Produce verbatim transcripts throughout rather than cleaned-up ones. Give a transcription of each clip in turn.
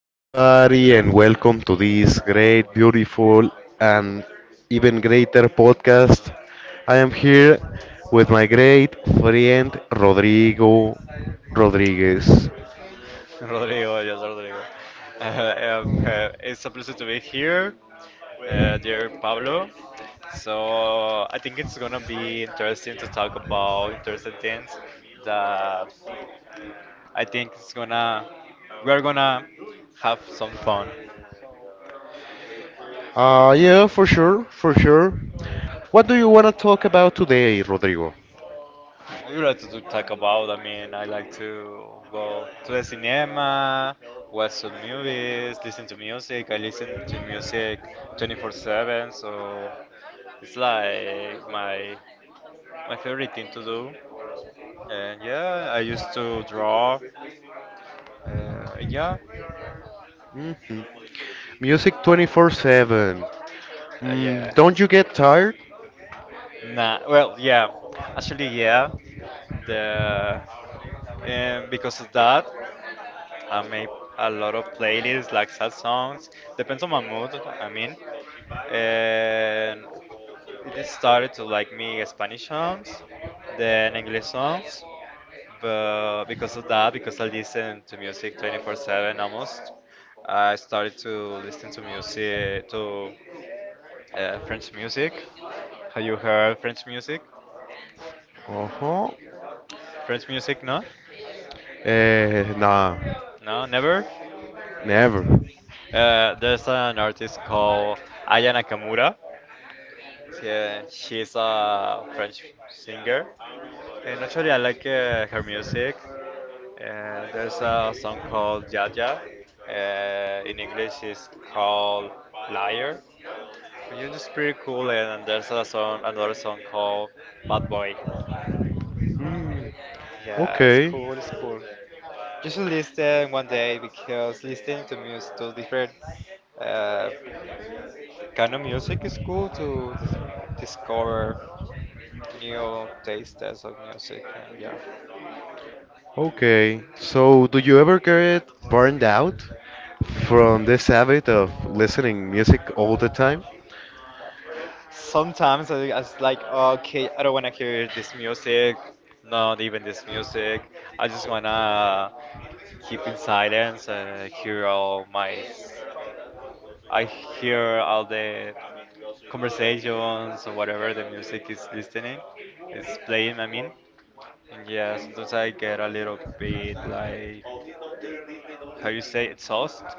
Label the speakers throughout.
Speaker 1: everybody, and welcome to this great, beautiful, and even greater podcast. I am here with my great friend Rodrigo Rodriguez.
Speaker 2: Rodrigo, yes, Rodrigo. Uh, um, uh, it's a pleasure to be here, uh, dear Pablo. So I think it's gonna be interesting to talk about interesting things that I think it's gonna we're gonna have some fun.
Speaker 1: Uh, yeah, for sure, for sure. What do you want to talk about today, Rodrigo?
Speaker 2: What would you like to talk about? I mean, I like to go to the cinema, watch some movies, listen to music. I listen to music twenty-four seven, so it's like my my favorite thing to do. And yeah, I used to draw. Uh, yeah,
Speaker 1: Hmm. Music twenty-four seven.
Speaker 2: uh,
Speaker 1: Mm,
Speaker 2: yeah,
Speaker 1: don't you
Speaker 2: mostly.
Speaker 1: get tired?
Speaker 2: Nah, well, yeah, actually, yeah. The um, Because of that, I make a lot of playlists, like sad songs. Depends on my mood, I mean. And it started to like me Spanish songs, then English songs. But because of that, because I listen to music twenty-four seven almost, I started to listen to music to uh, French music. Have you heard French music?
Speaker 1: Uh huh.
Speaker 2: French music, no?
Speaker 1: Eh, nah,
Speaker 2: No, never.
Speaker 1: never.
Speaker 2: Uh, there's an artist called Aya Nakamura. Yeah, she's a French singer, and actually I like uh, her music. Uh, there's a song called Jaja. Uh, in English, it's called Liar. Yeah, it's pretty cool. And there's a song, another song called Bad Boy.
Speaker 1: Hmm.
Speaker 2: Yeah, it's
Speaker 1: Okay.
Speaker 2: cool. It's cool. You should listen one day because listening to music to different uh, kind of music is cool to dis- discover new tastes of music. And yeah,
Speaker 1: Okay. So, do you ever get burned out from this habit of listening music all the time?
Speaker 2: sometimes I, I was like, okay, I don't want to hear this music, not even this music. I just wanna keep in silence, uh, hear all my, s- I hear all the conversations or whatever the music is listening, is playing. I mean, and yeah, sometimes I get a little bit like, how you say, exhaust,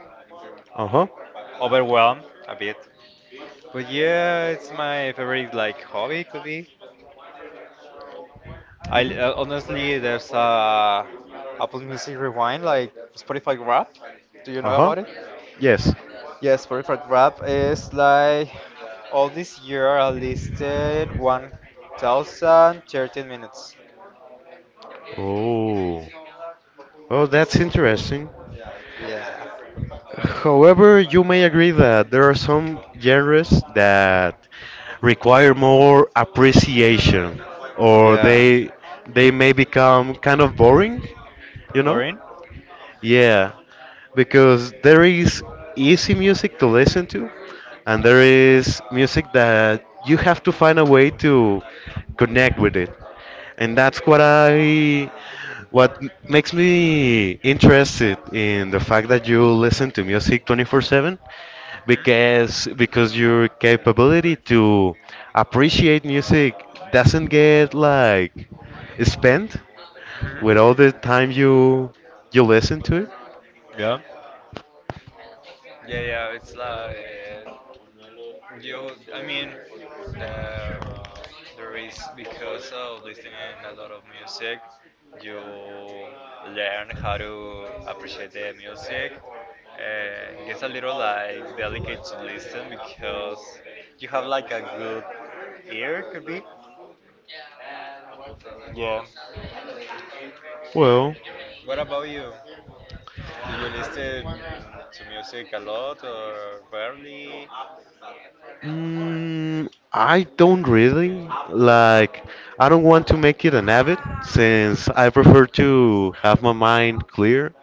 Speaker 1: Uh-huh.
Speaker 2: overwhelmed a bit. But yeah, it's my favorite like hobby could be. I uh,
Speaker 1: Hmm.
Speaker 2: honestly, there's a uh, Apple Music Rewind like Spotify Rap. Do you know
Speaker 1: Uh-huh.
Speaker 2: about it?
Speaker 1: Yes.
Speaker 2: Yeah, Spotify Rap is like all this year I listed one thousand thirteen minutes.
Speaker 1: Oh. Well, that's
Speaker 2: It's,
Speaker 1: interesting.
Speaker 2: yeah.
Speaker 1: However, you may agree that there are some genres that require more appreciation, or
Speaker 2: Yeah.
Speaker 1: they they may become kind of boring, you know?
Speaker 2: Boring?
Speaker 1: Yeah, because there is easy music to listen to, and there is music that you have to find a way to connect with it. And that's what I what m- makes me interested in the fact that you listen to music twenty-four seven
Speaker 2: Hmm
Speaker 1: because because your capability to appreciate music doesn't get like spent with
Speaker 2: hmm
Speaker 1: all the time you you listen to it.
Speaker 2: Yeah. Yeah, yeah, it's like, you, I mean, the there is because of listening a lot of music, you learn how to appreciate the music. And it gets a little like delicate to listen because you have like a good ear, could be. Yeah.
Speaker 1: Well,
Speaker 2: What about you? Do you listen to music a lot or rarely?
Speaker 1: Mm, I don't really like. I don't want to make it an habit since I prefer to have my mind clear.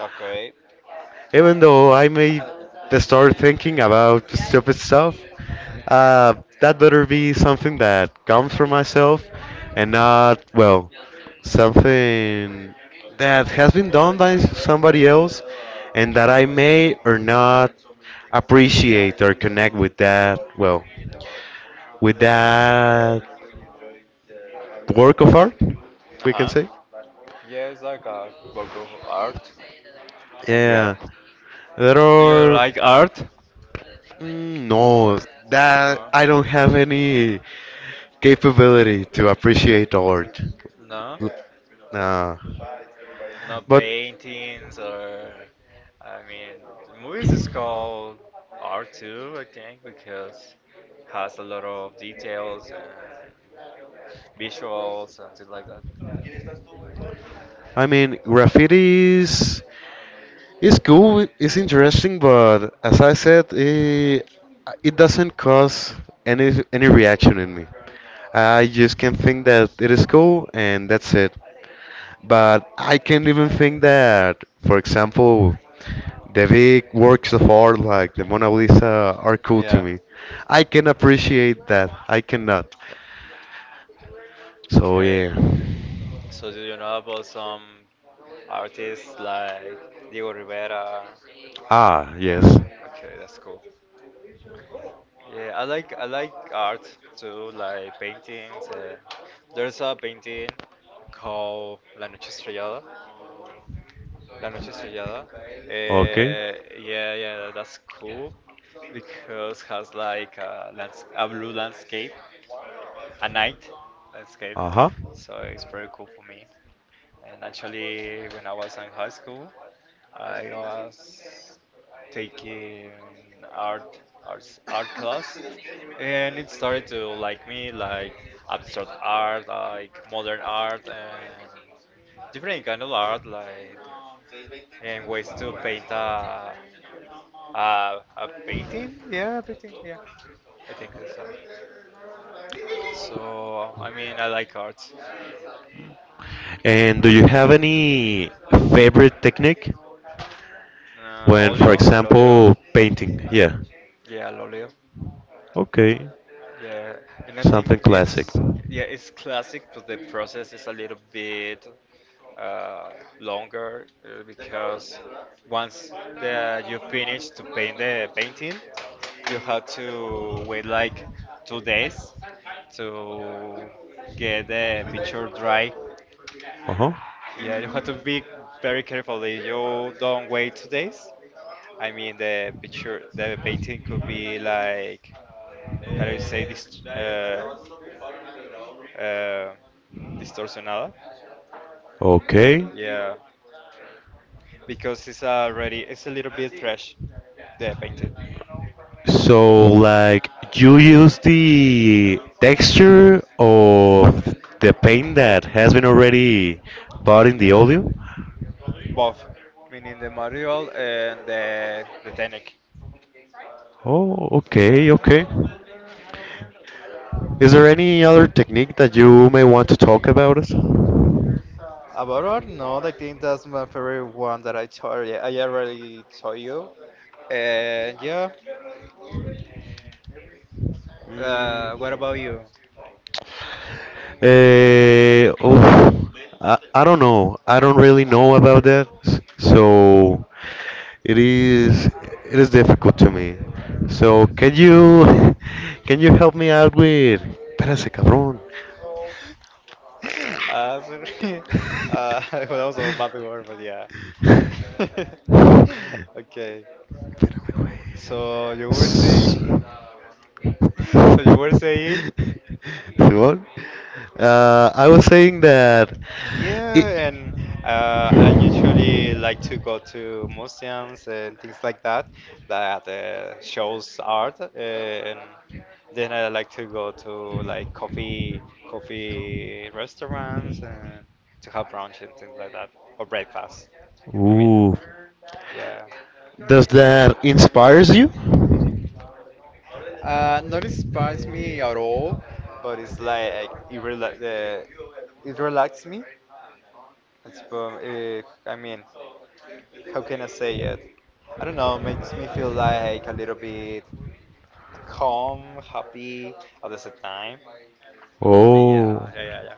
Speaker 2: Okay.
Speaker 1: Even though I may start thinking about stupid stuff, uh, that better be something that comes from myself and not, well, something that has been done by somebody else and that I may or not appreciate or connect with that, well, with that work of art,
Speaker 2: Uh
Speaker 1: we can
Speaker 2: huh.
Speaker 1: say.
Speaker 2: Yeah, it's like a work of art. And
Speaker 1: Yeah,
Speaker 2: yeah.
Speaker 1: there
Speaker 2: Do you
Speaker 1: are
Speaker 2: like art?
Speaker 1: mm, no that
Speaker 2: No.
Speaker 1: I don't have any capability to appreciate art.
Speaker 2: No,
Speaker 1: L- Nah,
Speaker 2: not
Speaker 1: but
Speaker 2: paintings or. I mean, the movies is called art too, I think, because has a lot of details and visuals and things like that.
Speaker 1: I mean graffiti is is cool, it's interesting, but as I said, it, it doesn't cause any any reaction in me. I just can think that it is cool and that's it. But I can't even think that, for example, the big works of art like the Mona Lisa are cool to
Speaker 2: Yeah.
Speaker 1: me. I can appreciate that. I cannot. So
Speaker 2: Okay,
Speaker 1: yeah.
Speaker 2: so do you know about some artists like Diego Rivera?
Speaker 1: Ah,
Speaker 2: Yeah,
Speaker 1: yes.
Speaker 2: okay, that's cool. Yeah, I like I like art too, like paintings. Uh, there's a painting called La Noche Estrellada. La Noche Estrellada.
Speaker 1: Okay.
Speaker 2: Uh, yeah, yeah, tha- that's cool because has like a lands a blue landscape, a night landscape.
Speaker 1: Uh-huh.
Speaker 2: So it's pretty cool for me. And actually, when I was in high school, I was taking art art art class, and it started to like me like abstract art, like modern art, and different kind of art, like and ways to paint a a, a painting. Yeah, I think that's art. So I mean, I like art.
Speaker 1: And do you have any favorite technique
Speaker 2: Uh,
Speaker 1: when, for
Speaker 2: oleo, al oleo.
Speaker 1: example, painting? Yeah.
Speaker 2: Yeah, al oleo.
Speaker 1: Okay.
Speaker 2: Yeah, and I
Speaker 1: Something
Speaker 2: think
Speaker 1: classic.
Speaker 2: it's, yeah, it's classic, but the process is a little bit uh, longer uh, because once the you finish to paint the painting, you have to wait like two days to get the picture dry.
Speaker 1: Uh-huh.
Speaker 2: Yeah, you have to be very careful. If you don't wait two days, I mean the picture, the painting could be like, how do you say this? Uh, uh, Distortionada.
Speaker 1: Okay.
Speaker 2: Yeah, because it's already it's a little bit fresh, the painted
Speaker 1: So, like, you use the texture of the paint that has been already put in the audio?
Speaker 2: both, meaning the material and the the technique.
Speaker 1: Oh,
Speaker 2: Yeah.
Speaker 1: okay, okay. Is there any other technique that you may want to talk about it? Mm.
Speaker 2: About art. No, I think that's my favorite one that I told you. I already told you, and yeah. Uh, what about you?
Speaker 1: Uh, oh, I, I don't know. I don't really know about that. So, It is it is difficult to me. So can you can you help me out with Espérate, cabrón.
Speaker 2: Uh, sorry. Uh, well, that was a bad word, but yeah. Okay.
Speaker 1: Espérame, güey.
Speaker 2: So you were saying,
Speaker 1: S-
Speaker 2: so you were saying,
Speaker 1: What? Uh, I was saying that it.
Speaker 2: yeah, and uh, I usually like to go to museums and things like that, that uh, shows art, uh, and then I like to go to like coffee coffee restaurants and to have brunch and things like that or breakfast. I mean,
Speaker 1: Ooh.
Speaker 2: yeah.
Speaker 1: Does that inspires you?
Speaker 2: Uh, not inspires me at all, but it's like it rela uh, it relaxes me. It's boom. Eh, I mean, how can I say it? I don't know. Makes me feel like a little bit calm, happy at the same time. Yeah,
Speaker 1: Oh.
Speaker 2: yeah, yeah, yeah.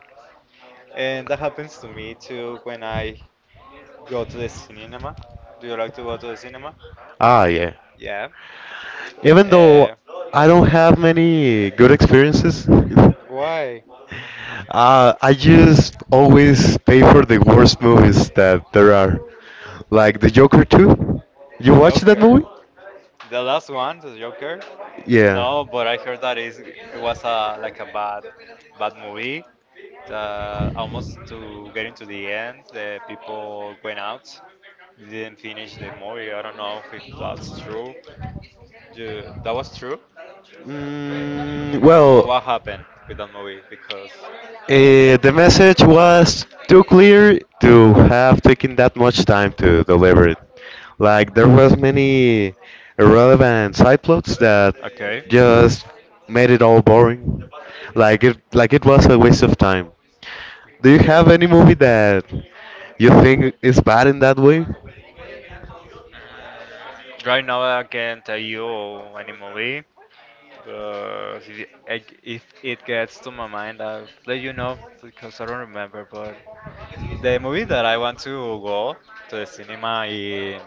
Speaker 2: And that happens to me too when I go to the cinema. Do you like to go to the cinema?
Speaker 1: Ah, yeah.
Speaker 2: Yeah.
Speaker 1: Even though
Speaker 2: Uh,
Speaker 1: I don't have many good experiences, uh,
Speaker 2: why?
Speaker 1: I just always pay for the worst movies that there are. Like The Joker two. You
Speaker 2: The
Speaker 1: watched that
Speaker 2: Joker.
Speaker 1: movie?
Speaker 2: The last one, the Joker.
Speaker 1: Yeah.
Speaker 2: No, but I heard that is it was a like a bad bad movie. Uh, almost to getting to the end, the people went out. They didn't finish the movie. I don't know if it, that's true. Ju- that was true.
Speaker 1: Mm,
Speaker 2: Or
Speaker 1: well,
Speaker 2: what happened with that movie? Because
Speaker 1: Eh, the message was too clear to have taken that much time to deliver it. Like there was many irrelevant side plots that
Speaker 2: okay,
Speaker 1: just made it all boring. Like it like it was a waste of time. Do you
Speaker 2: okay.
Speaker 1: have any movie that you think is bad in that way?
Speaker 2: Right now I can't tell you any movie. Uh, if, it- if it gets to my mind, I'll let you know because I don't remember. But the movie that I want to go to the cinema in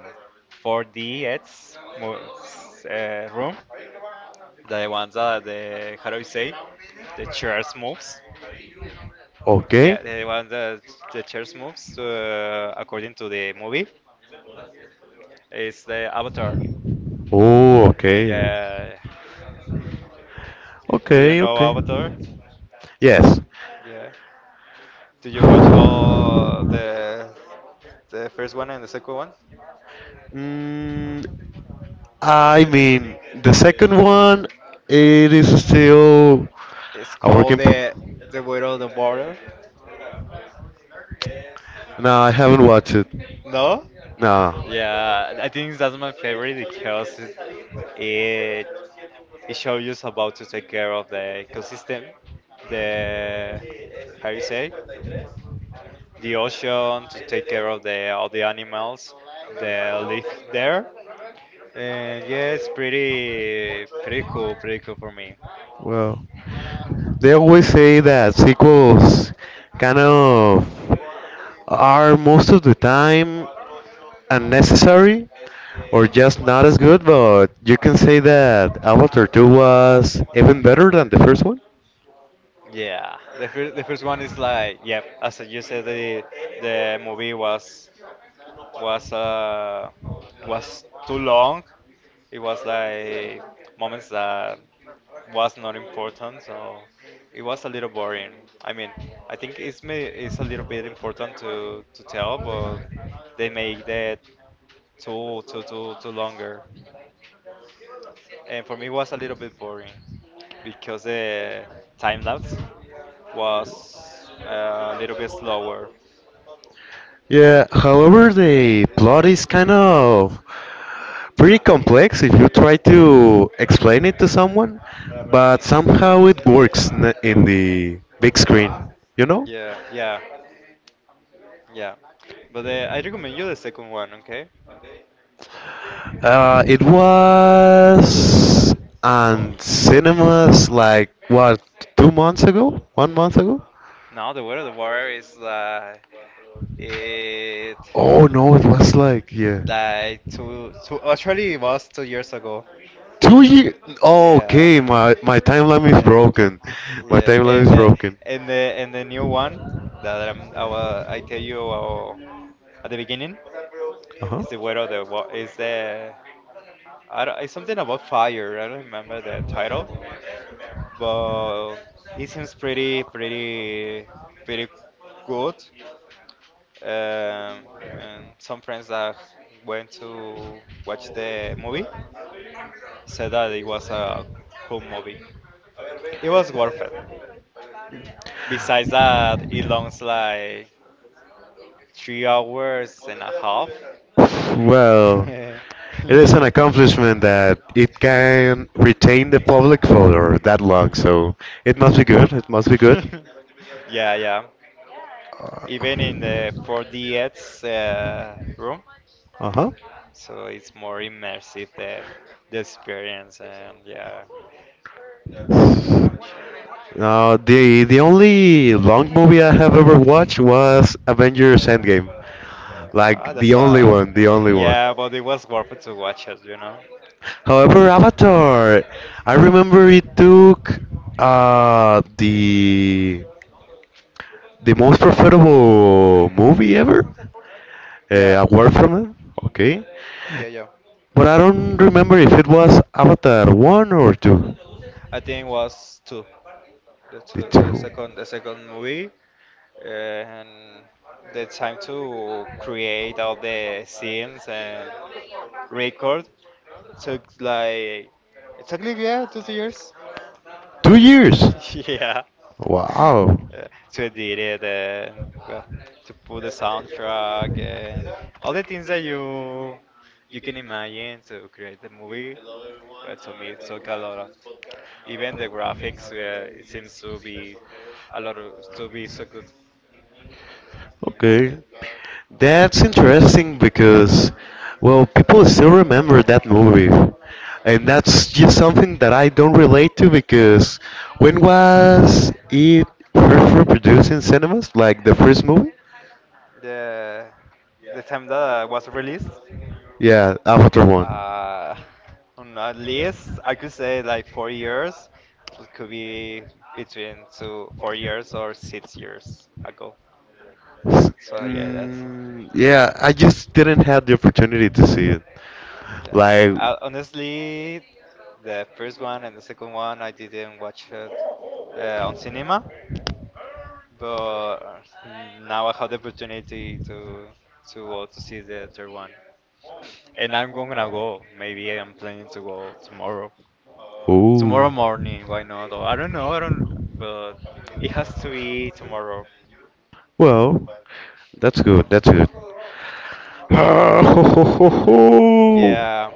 Speaker 2: four D X mo- s- uh, room, the ones that the how do you say, the chairs moves.
Speaker 1: Okay.
Speaker 2: Yeah, the one that the chairs moves uh, according to the movie is the Avatar.
Speaker 1: Oh, okay.
Speaker 2: Yeah, do you
Speaker 1: Okay,
Speaker 2: know
Speaker 1: okay.
Speaker 2: Avatar?
Speaker 1: Yes.
Speaker 2: Yeah. Did you watch all the the first one and the second one?
Speaker 1: Mm, I mean, the second one, it is still
Speaker 2: It's
Speaker 1: a
Speaker 2: called
Speaker 1: working. Pro-
Speaker 2: the the Widow of the Border.
Speaker 1: no, I haven't watched it.
Speaker 2: No?
Speaker 1: No.
Speaker 2: Yeah, I think that's my favorite because it it, it shows you about to take care of the ecosystem, the how you say, the ocean, to take care of the all the animals that live there. And yeah, it's pretty pretty cool, pretty cool for me.
Speaker 1: Well. They always say that sequels kind of are most of the time unnecessary or just not as good, but you can say that Avatar two was even better than the first one.
Speaker 2: Yeah, the first the first one is like, yep. As you said, the the movie was was uh was too long. It was like moments that was not important, so it was a little boring. I mean, I think it's may it's a little bit important to to tell, but they make that too too too too longer. And for me, it was a little bit boring because the time lapse was uh, a little bit slower.
Speaker 1: Yeah, however, the plot is kind of pretty complex if you try to explain it to someone, but somehow it works n- in the big screen, you know?
Speaker 2: Yeah, yeah, yeah. But uh, I recommend you the second one, okay?
Speaker 1: Uh, it was on cinemas like what two months ago, one month ago.
Speaker 2: Now the word of the water is like it
Speaker 1: Oh no, it was like yeah,
Speaker 2: like two two actually it was two years ago.
Speaker 1: two years. Oh,
Speaker 2: Yeah,
Speaker 1: okay, my my timeline is broken. My
Speaker 2: yeah,
Speaker 1: timeline is
Speaker 2: and uh,
Speaker 1: broken.
Speaker 2: and the and the new one that I'm, I wa- I tell you uh, at the beginning
Speaker 1: Uh huh.
Speaker 2: is the word of the wa- is the, I don't, it's something about fire. I don't remember the title, but it seems pretty, pretty, pretty good. Um, and some friends that went to watch the movie said that it was a cool movie. It was worth it. Besides that, it longs like three hours and a half.
Speaker 1: Well, it is an
Speaker 2: Yeah.
Speaker 1: accomplishment that it can retain the public for that long, so it must be good. It must be good.
Speaker 2: Yeah, yeah. Even in the four D X uh, room,
Speaker 1: Uh-huh.
Speaker 2: so it's more immersive the the experience and yeah.
Speaker 1: Now, the the only long movie I have ever watched was Avengers Endgame.
Speaker 2: Ah,
Speaker 1: Like the
Speaker 2: that's
Speaker 1: only
Speaker 2: a
Speaker 1: one, the only one.
Speaker 2: yeah, but it was worth it to watch it, you know.
Speaker 1: However, Avatar, I remember it took uh the the most profitable movie ever
Speaker 2: Yeah,
Speaker 1: uh, award from it. Okay,
Speaker 2: yeah, yeah.
Speaker 1: but I don't remember if it was Avatar one or two.
Speaker 2: I think it was two, the
Speaker 1: The
Speaker 2: two, the
Speaker 1: two.
Speaker 2: second, the second movie. Uh, and the time to create all the scenes and record took like it took like yeah, two years.
Speaker 1: Two years.
Speaker 2: Yeah.
Speaker 1: Wow.
Speaker 2: uh, to edit it and well to put the soundtrack and all the things that you you can imagine to create the movie, but to me it took a lot of, even the graphics uh, it seems to be a lot of to be so good.
Speaker 1: Okay. That's interesting because, well, people still remember that movie. And that's just something that I don't relate to because when was it first reproduced in cinemas? Like the first movie?
Speaker 2: the the time that I was released.
Speaker 1: Yeah, Avatar one.
Speaker 2: Uh, on at least I could say like four years. It could be between two, four years or six years ago.
Speaker 1: S-
Speaker 2: So yeah, that's,
Speaker 1: Mm, yeah, I just didn't have the opportunity to see it.
Speaker 2: yeah.
Speaker 1: Like,
Speaker 2: Uh, honestly, the first one and the second one I didn't watch it uh, on cinema, but uh, now I have the opportunity to to go to see the third one. And I'm going to go. Maybe I'm planning to go tomorrow. Tomorrow
Speaker 1: oh.
Speaker 2: morning, why not? Or I don't know, I don't, but it has to be tomorrow.
Speaker 1: Well, that's good. That's good. Ho, ho, ho, ho.
Speaker 2: Yeah.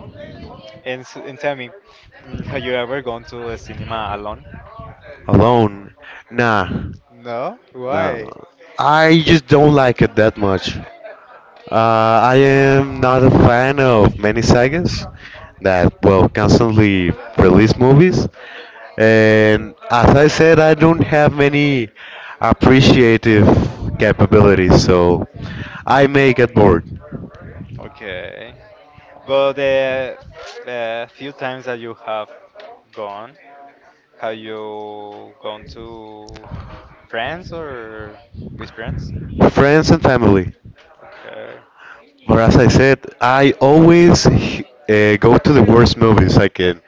Speaker 2: And, s- and tell me, mm, have you ever gone to the cinema alone?
Speaker 1: Alone? Nah,
Speaker 2: No?
Speaker 1: nah.
Speaker 2: Why?
Speaker 1: I just don't like it that much. Uh, I am not a fan of many sagas that, well, constantly release movies. And as I said, I don't have many appreciative capabilities, so I may get bored.
Speaker 2: Okay. But the uh, few times that you have gone, have you gone to friends or with friends?
Speaker 1: Friends and family.
Speaker 2: Okay.
Speaker 1: Or as I said, I always uh, go to the worst movies I can.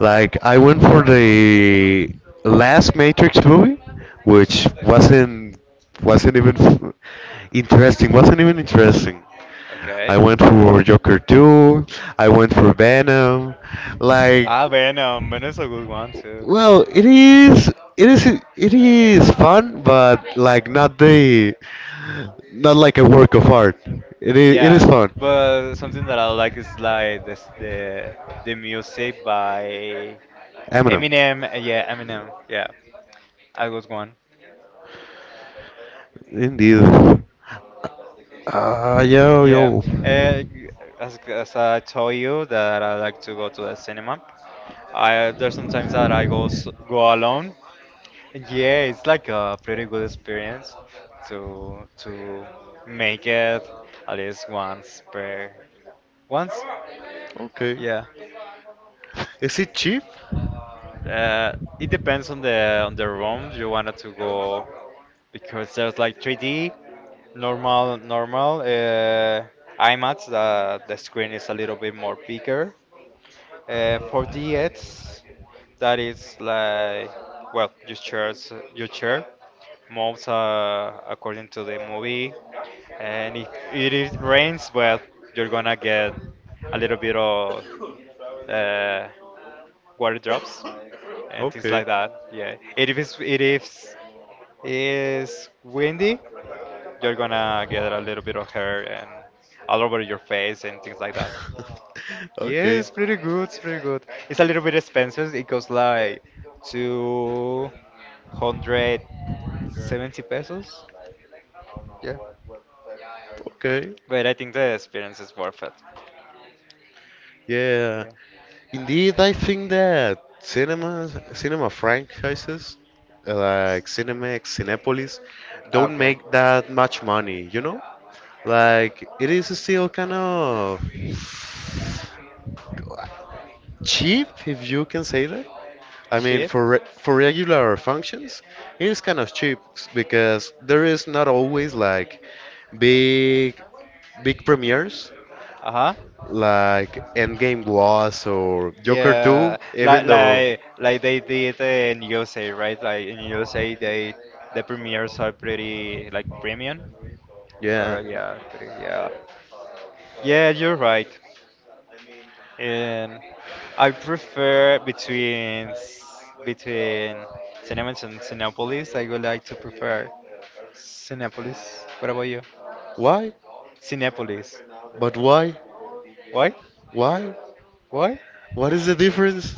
Speaker 1: Like I went for the last Matrix movie, which wasn't wasn't even f- interesting. Wasn't even interesting.
Speaker 2: Okay.
Speaker 1: I went for Joker two. I went for Venom. Like,
Speaker 2: Ah, Venom. Venom's a good one too.
Speaker 1: well, it is it is it is fun, but like not the not like a work of art. It is, it is
Speaker 2: Yeah,
Speaker 1: fun.
Speaker 2: but something that I like is like this, the the music by
Speaker 1: Eminem. Yeah.
Speaker 2: Eminem. uh, Yeah, Eminem. Yeah, I was one.
Speaker 1: Indeed. Ah, yo,
Speaker 2: Yeah,
Speaker 1: yo.
Speaker 2: uh, as as I told you that I like to go to the cinema. I There's sometimes that I go s- go alone. Yeah, it's like a pretty good experience to to make it at least once per once.
Speaker 1: Okay.
Speaker 2: Yeah.
Speaker 1: Is it cheap?
Speaker 2: Uh, it depends on the on the room you wanted to go because there's like three D, normal, normal. Uh, IMAX, uh, the screen is a little bit more bigger. Uh, four D X, that is like well, your chairs, your chair moves uh, according to the movie, and if it is rains, well, you're gonna get a little bit of uh, water drops and things like that. Yeah. And if it's it is is windy, you're gonna get a little bit of hair and all over your face and things like that. Yeah, it's pretty good. It's pretty good. It's a little bit expensive. It costs like two hundred seventy pesos. Yeah,
Speaker 1: Okay.
Speaker 2: but I think the experience is worth it.
Speaker 1: Yeah.
Speaker 2: Yeah.
Speaker 1: Indeed, I think that cinemas, cinema franchises uh, like Cinemex, Cinepolis don't
Speaker 2: Okay.
Speaker 1: make that much money, you know? Like, it is still kind of cheap, if you can say that. I mean,
Speaker 2: Cheap.
Speaker 1: for re for regular functions, it's kind of cheap because there is not always like big big premieres
Speaker 2: Uh huh.
Speaker 1: like Endgame was or Joker two,
Speaker 2: Yeah,
Speaker 1: even
Speaker 2: like
Speaker 1: though
Speaker 2: like like they did in U S A, right? Like in U S A, they the premieres are pretty like premium,
Speaker 1: yeah.
Speaker 2: or yeah, pretty, yeah. Yeah, you're right. And I prefer between s- between Cinemas and Cinepolis. I would like to prefer Cinepolis. What about you?
Speaker 1: Why?
Speaker 2: Cinepolis.
Speaker 1: But why?
Speaker 2: Why?
Speaker 1: Why?
Speaker 2: Why?
Speaker 1: What is the difference?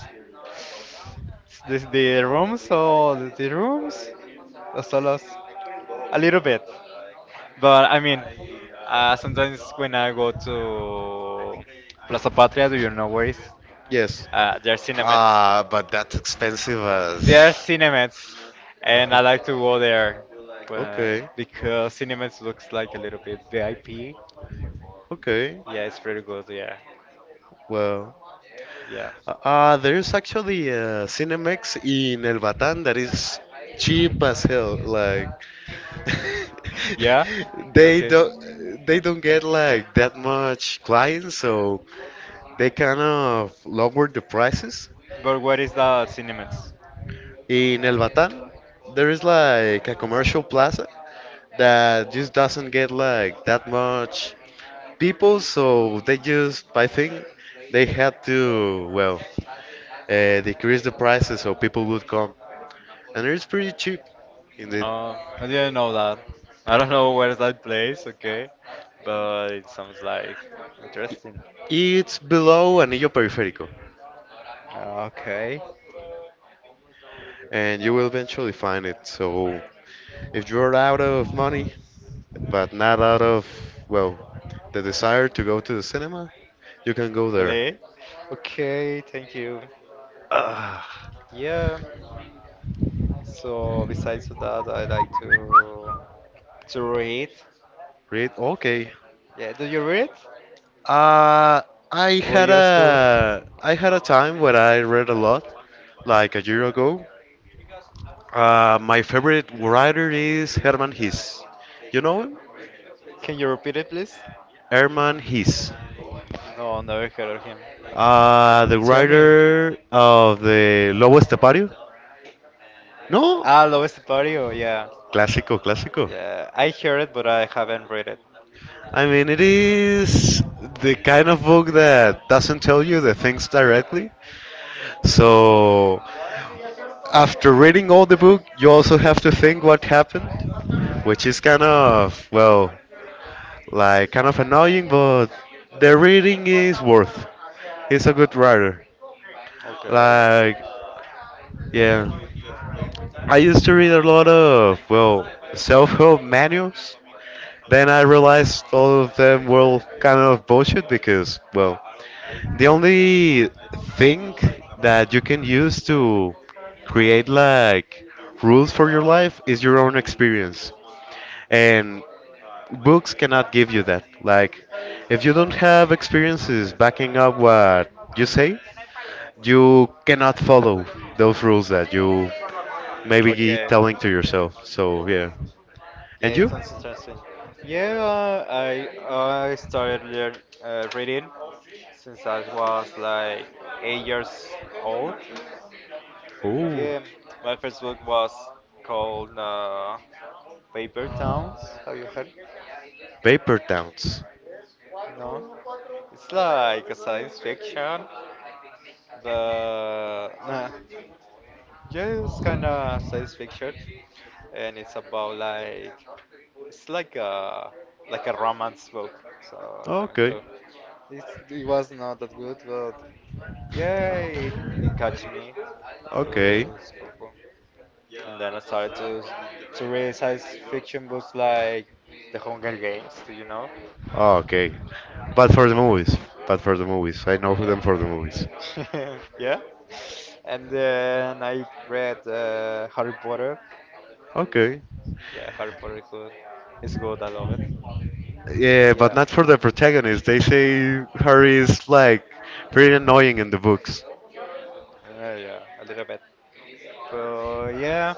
Speaker 2: S- The, the rooms or the, the rooms? The salas? A little bit. But I mean, uh, sometimes when I go to Plaza Patria, do you know where is?
Speaker 1: Yes.
Speaker 2: Uh, there are cinemas.
Speaker 1: Ah, but that's expensive
Speaker 2: There are
Speaker 1: as.
Speaker 2: cinemas, and I like to go there when,
Speaker 1: Okay,
Speaker 2: because cinemas looks like a little bit V I P.
Speaker 1: okay.
Speaker 2: Yeah, it's pretty good. Yeah,
Speaker 1: Well,
Speaker 2: yeah.
Speaker 1: uh, uh, there's actually a Cinemex in El Batán that is cheap as hell. Like,
Speaker 2: Yeah.
Speaker 1: they
Speaker 2: Okay.
Speaker 1: don't they don't get like that much clients, so they kind of lower the prices.
Speaker 2: But where is the cinemas?
Speaker 1: In El Batán, there is like a commercial plaza that just doesn't get like that much people, so they just I think they had to, well, uh, decrease the prices so people would come, and it's pretty cheap. Indeed,
Speaker 2: Oh, I didn't know that. I don't know where's that place, okay? But it sounds like interesting.
Speaker 1: it's below Anillo Periférico,
Speaker 2: Okay.
Speaker 1: and you will eventually find it. So. If you're out of money, but not out of, well, the desire to go to the cinema, you can go there.
Speaker 2: Really? Okay, thank you.
Speaker 1: Uh,
Speaker 2: Yeah. So besides that, I like to to read.
Speaker 1: read? Okay.
Speaker 2: Yeah, do you read?
Speaker 1: Uh, I
Speaker 2: Or
Speaker 1: had
Speaker 2: you used to?
Speaker 1: a I had a time when I read a lot, like a year ago. Uh, my favorite writer is Herman Hesse. You know him?
Speaker 2: Can you repeat it, please?
Speaker 1: Herman Hesse.
Speaker 2: No, never heard of him.
Speaker 1: Uh, the
Speaker 2: Tell me.
Speaker 1: writer of the Lobo Estepario. No,
Speaker 2: Ah, Love Stupario, yeah.
Speaker 1: clásico, clásico.
Speaker 2: Yeah, I heard it, but I haven't read it.
Speaker 1: I mean, it is the kind of book that doesn't tell you the things directly. So, after reading all the book, you also have to think what happened, which is kind of, well, like kind of annoying, but the reading is worth. He's a good writer.
Speaker 2: Okay.
Speaker 1: Like, yeah. I used to read a lot of, well, self help manuals. Then I realized all of them were kind of bullshit because, well, the only thing that you can use to create like rules for your life is your own experience. And books cannot give you that. Like, if you don't have experiences backing up what you say, you cannot follow those rules that you maybe be
Speaker 2: Okay.
Speaker 1: telling to yourself. So, yeah.
Speaker 2: Yeah,
Speaker 1: And you?
Speaker 2: it sounds interesting. Yeah, uh, I I started learn uh, reading since I was like eight years old.
Speaker 1: Ooh,
Speaker 2: Yeah, my first book was called uh, Paper Towns. Have you heard?
Speaker 1: Paper Towns.
Speaker 2: No, it's like a science fiction. The nah, just kind of science fiction, and it's about like it's like a like a romance book. So damn it
Speaker 1: Okay.
Speaker 2: too. It's, it was not that good, but yeah, it, it catch me.
Speaker 1: Okay.
Speaker 2: Uh, spoke- and then I started to to read science fiction books like The Hunger Games. Do you know?
Speaker 1: Oh, okay. But for the movies. But for the movies. I know them for the movies.
Speaker 2: Yeah. yeah. And then I read uh, Harry Potter.
Speaker 1: Okay.
Speaker 2: Yeah, Harry Potter is good. It's good. I love it. And
Speaker 1: Yeah, but
Speaker 2: yeah,
Speaker 1: not for the protagonist. They say Harry is like pretty annoying in the books.
Speaker 2: uh, yeah, a little bit. But yeah.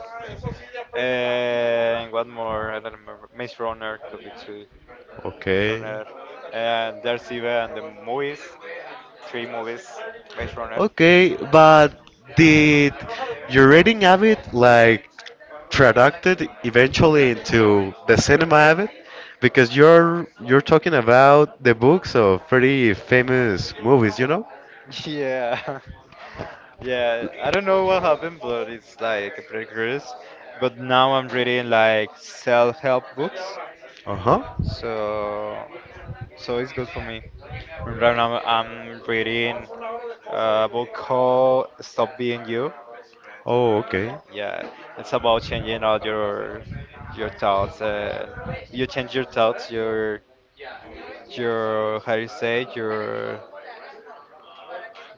Speaker 2: And one more. I don't remember. Maze Runner could be two. Maze
Speaker 1: Okay.
Speaker 2: Runner. And there's even the movies. Three movies. Maze Runner.
Speaker 1: Okay, but did your reading habit like traducted eventually into the cinema habit? Because you're you're talking about the books of pretty famous movies, you know?
Speaker 2: Yeah. Yeah, I don't know what happened, but it's like progress. But now I'm reading like self-help books,
Speaker 1: Uh-huh.
Speaker 2: so so it's good for me. And right now I'm reading a book called "Stop Being You."
Speaker 1: Oh, okay.
Speaker 2: Yeah, it's about changing all your your thoughts. Uh, you change your thoughts, your your how you say your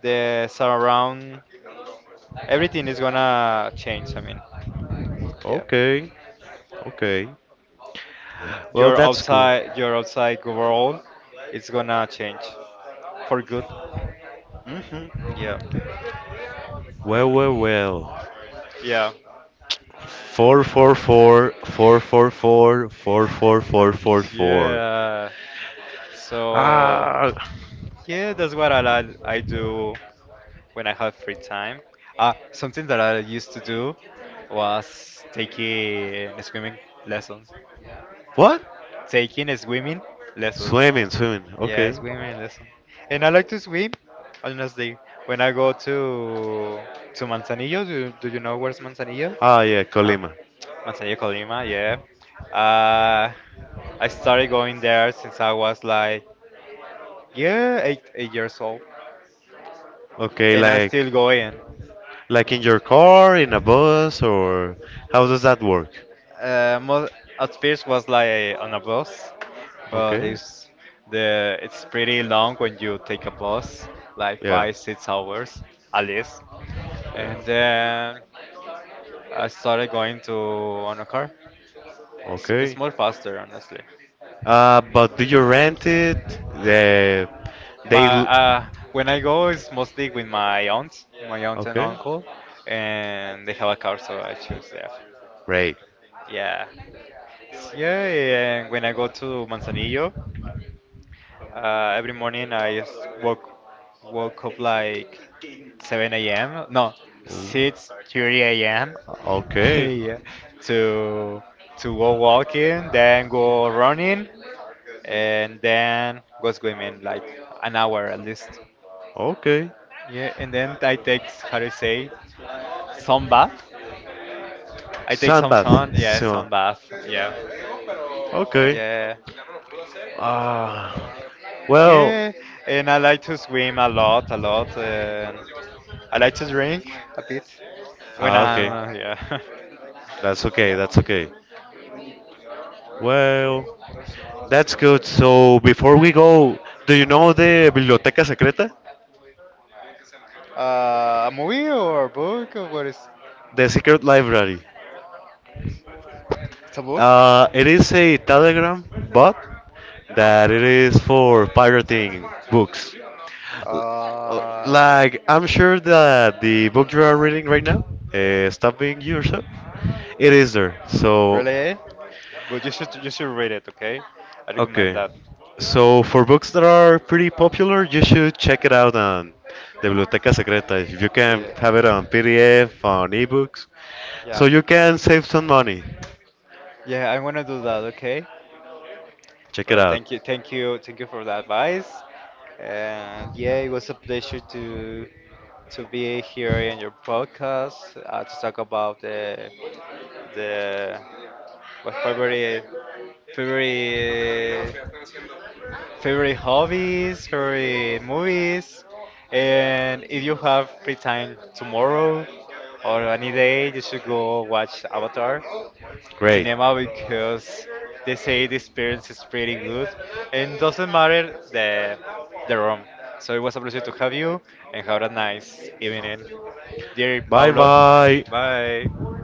Speaker 2: the surround. Everything is gonna change. I mean, yeah,
Speaker 1: Okay. Okay. Well,
Speaker 2: your
Speaker 1: that's cool.
Speaker 2: outside your outside overall, it's gonna change for good.
Speaker 1: Hmm.
Speaker 2: Yeah,
Speaker 1: Well, well, well.
Speaker 2: yeah,
Speaker 1: four forty-four.
Speaker 2: yeah. So
Speaker 1: Ah.
Speaker 2: yeah, that's what I li- I do when I have free time. Uh, something that I used to do was taking swimming lessons.
Speaker 1: What?
Speaker 2: Taking swimming lessons.
Speaker 1: Swimming, swimming.
Speaker 2: Yeah,
Speaker 1: Okay.
Speaker 2: swimming lesson. And I like to swim, honestly. When I go to to Manzanillo, do, do you know where's Manzanillo?
Speaker 1: Ah, yeah,
Speaker 2: Um,
Speaker 1: Colima.
Speaker 2: Manzanillo, Colima, yeah. Uh, I started going there since I was like, yeah, eight eight years old,
Speaker 1: Okay,
Speaker 2: and I'm still
Speaker 1: like
Speaker 2: going.
Speaker 1: like
Speaker 2: Yeah.
Speaker 1: in your car, in a bus, or how does that work?
Speaker 2: Uh, mo At first was like on a bus, but
Speaker 1: Okay.
Speaker 2: it's the it's pretty long when you take a bus, like
Speaker 1: Yeah.
Speaker 2: five six hours at least. And
Speaker 1: Yeah.
Speaker 2: then I started going to on a car. It's, it's
Speaker 1: Okay.
Speaker 2: more faster, honestly.
Speaker 1: Uh, but do you rent it? The they.
Speaker 2: My
Speaker 1: l-
Speaker 2: uh, When I go, it's mostly with my aunt, my aunt and
Speaker 1: Okay.
Speaker 2: uncle, and they have a car, so I choose them.
Speaker 1: Great.
Speaker 2: Yeah. Yeah, and when I go to Manzanillo. Uh, every morning I just woke woke up like seven a m. No,
Speaker 1: Ooh.
Speaker 2: six thirty a m
Speaker 1: Okay.
Speaker 2: yeah, to to go walking, then go running, and then go swimming like an hour at least.
Speaker 1: Okay.
Speaker 2: Yeah, and then I take how to say sun bath. I take some sun.
Speaker 1: Sandbath.
Speaker 2: Yeah, sun
Speaker 1: So.
Speaker 2: bath. Yeah,
Speaker 1: Okay.
Speaker 2: yeah.
Speaker 1: Ah. Well.
Speaker 2: Yeah, and I like to swim a lot, a lot, and I like to drink a bit when
Speaker 1: Ah, okay.
Speaker 2: I'm, uh, yeah,
Speaker 1: That's okay.
Speaker 2: yeah.
Speaker 1: That's okay. Well. That's good. So before we go, do you know the Biblioteca Secreta?
Speaker 2: Uh, a movie or a book? Or what is?
Speaker 1: The secret library.
Speaker 2: It's a book.
Speaker 1: Uh, it is a Telegram bot that it is for pirating books. Uh,
Speaker 2: Uh, okay.
Speaker 1: like I'm sure that the book you are reading right now, uh, Stop Being Yourself, it is there. So,
Speaker 2: Really? But you should you should read it, okay? I recommend
Speaker 1: okay.
Speaker 2: that.
Speaker 1: So for books that are pretty popular, you should check it out on the Biblioteca Secreta. If you can
Speaker 2: Yeah,
Speaker 1: have it on P D F, on ebooks,
Speaker 2: yeah,
Speaker 1: so you can save some money.
Speaker 2: yeah. I'm gonna do that, okay?
Speaker 1: Check it
Speaker 2: But
Speaker 1: out.
Speaker 2: thank you, thank you, thank you for the advice. And yeah, it was a pleasure to to be here in your podcast uh, to talk about the the what favorite favorite favorite hobbies, favorite movies, and if you have free time tomorrow or any day, you should go watch Avatar in
Speaker 1: Great.
Speaker 2: cinema because they say the experience is pretty good and doesn't matter the the room. So it was a pleasure to have you and have a nice evening. Dear
Speaker 1: Bye
Speaker 2: Pablo,
Speaker 1: bye.
Speaker 2: bye.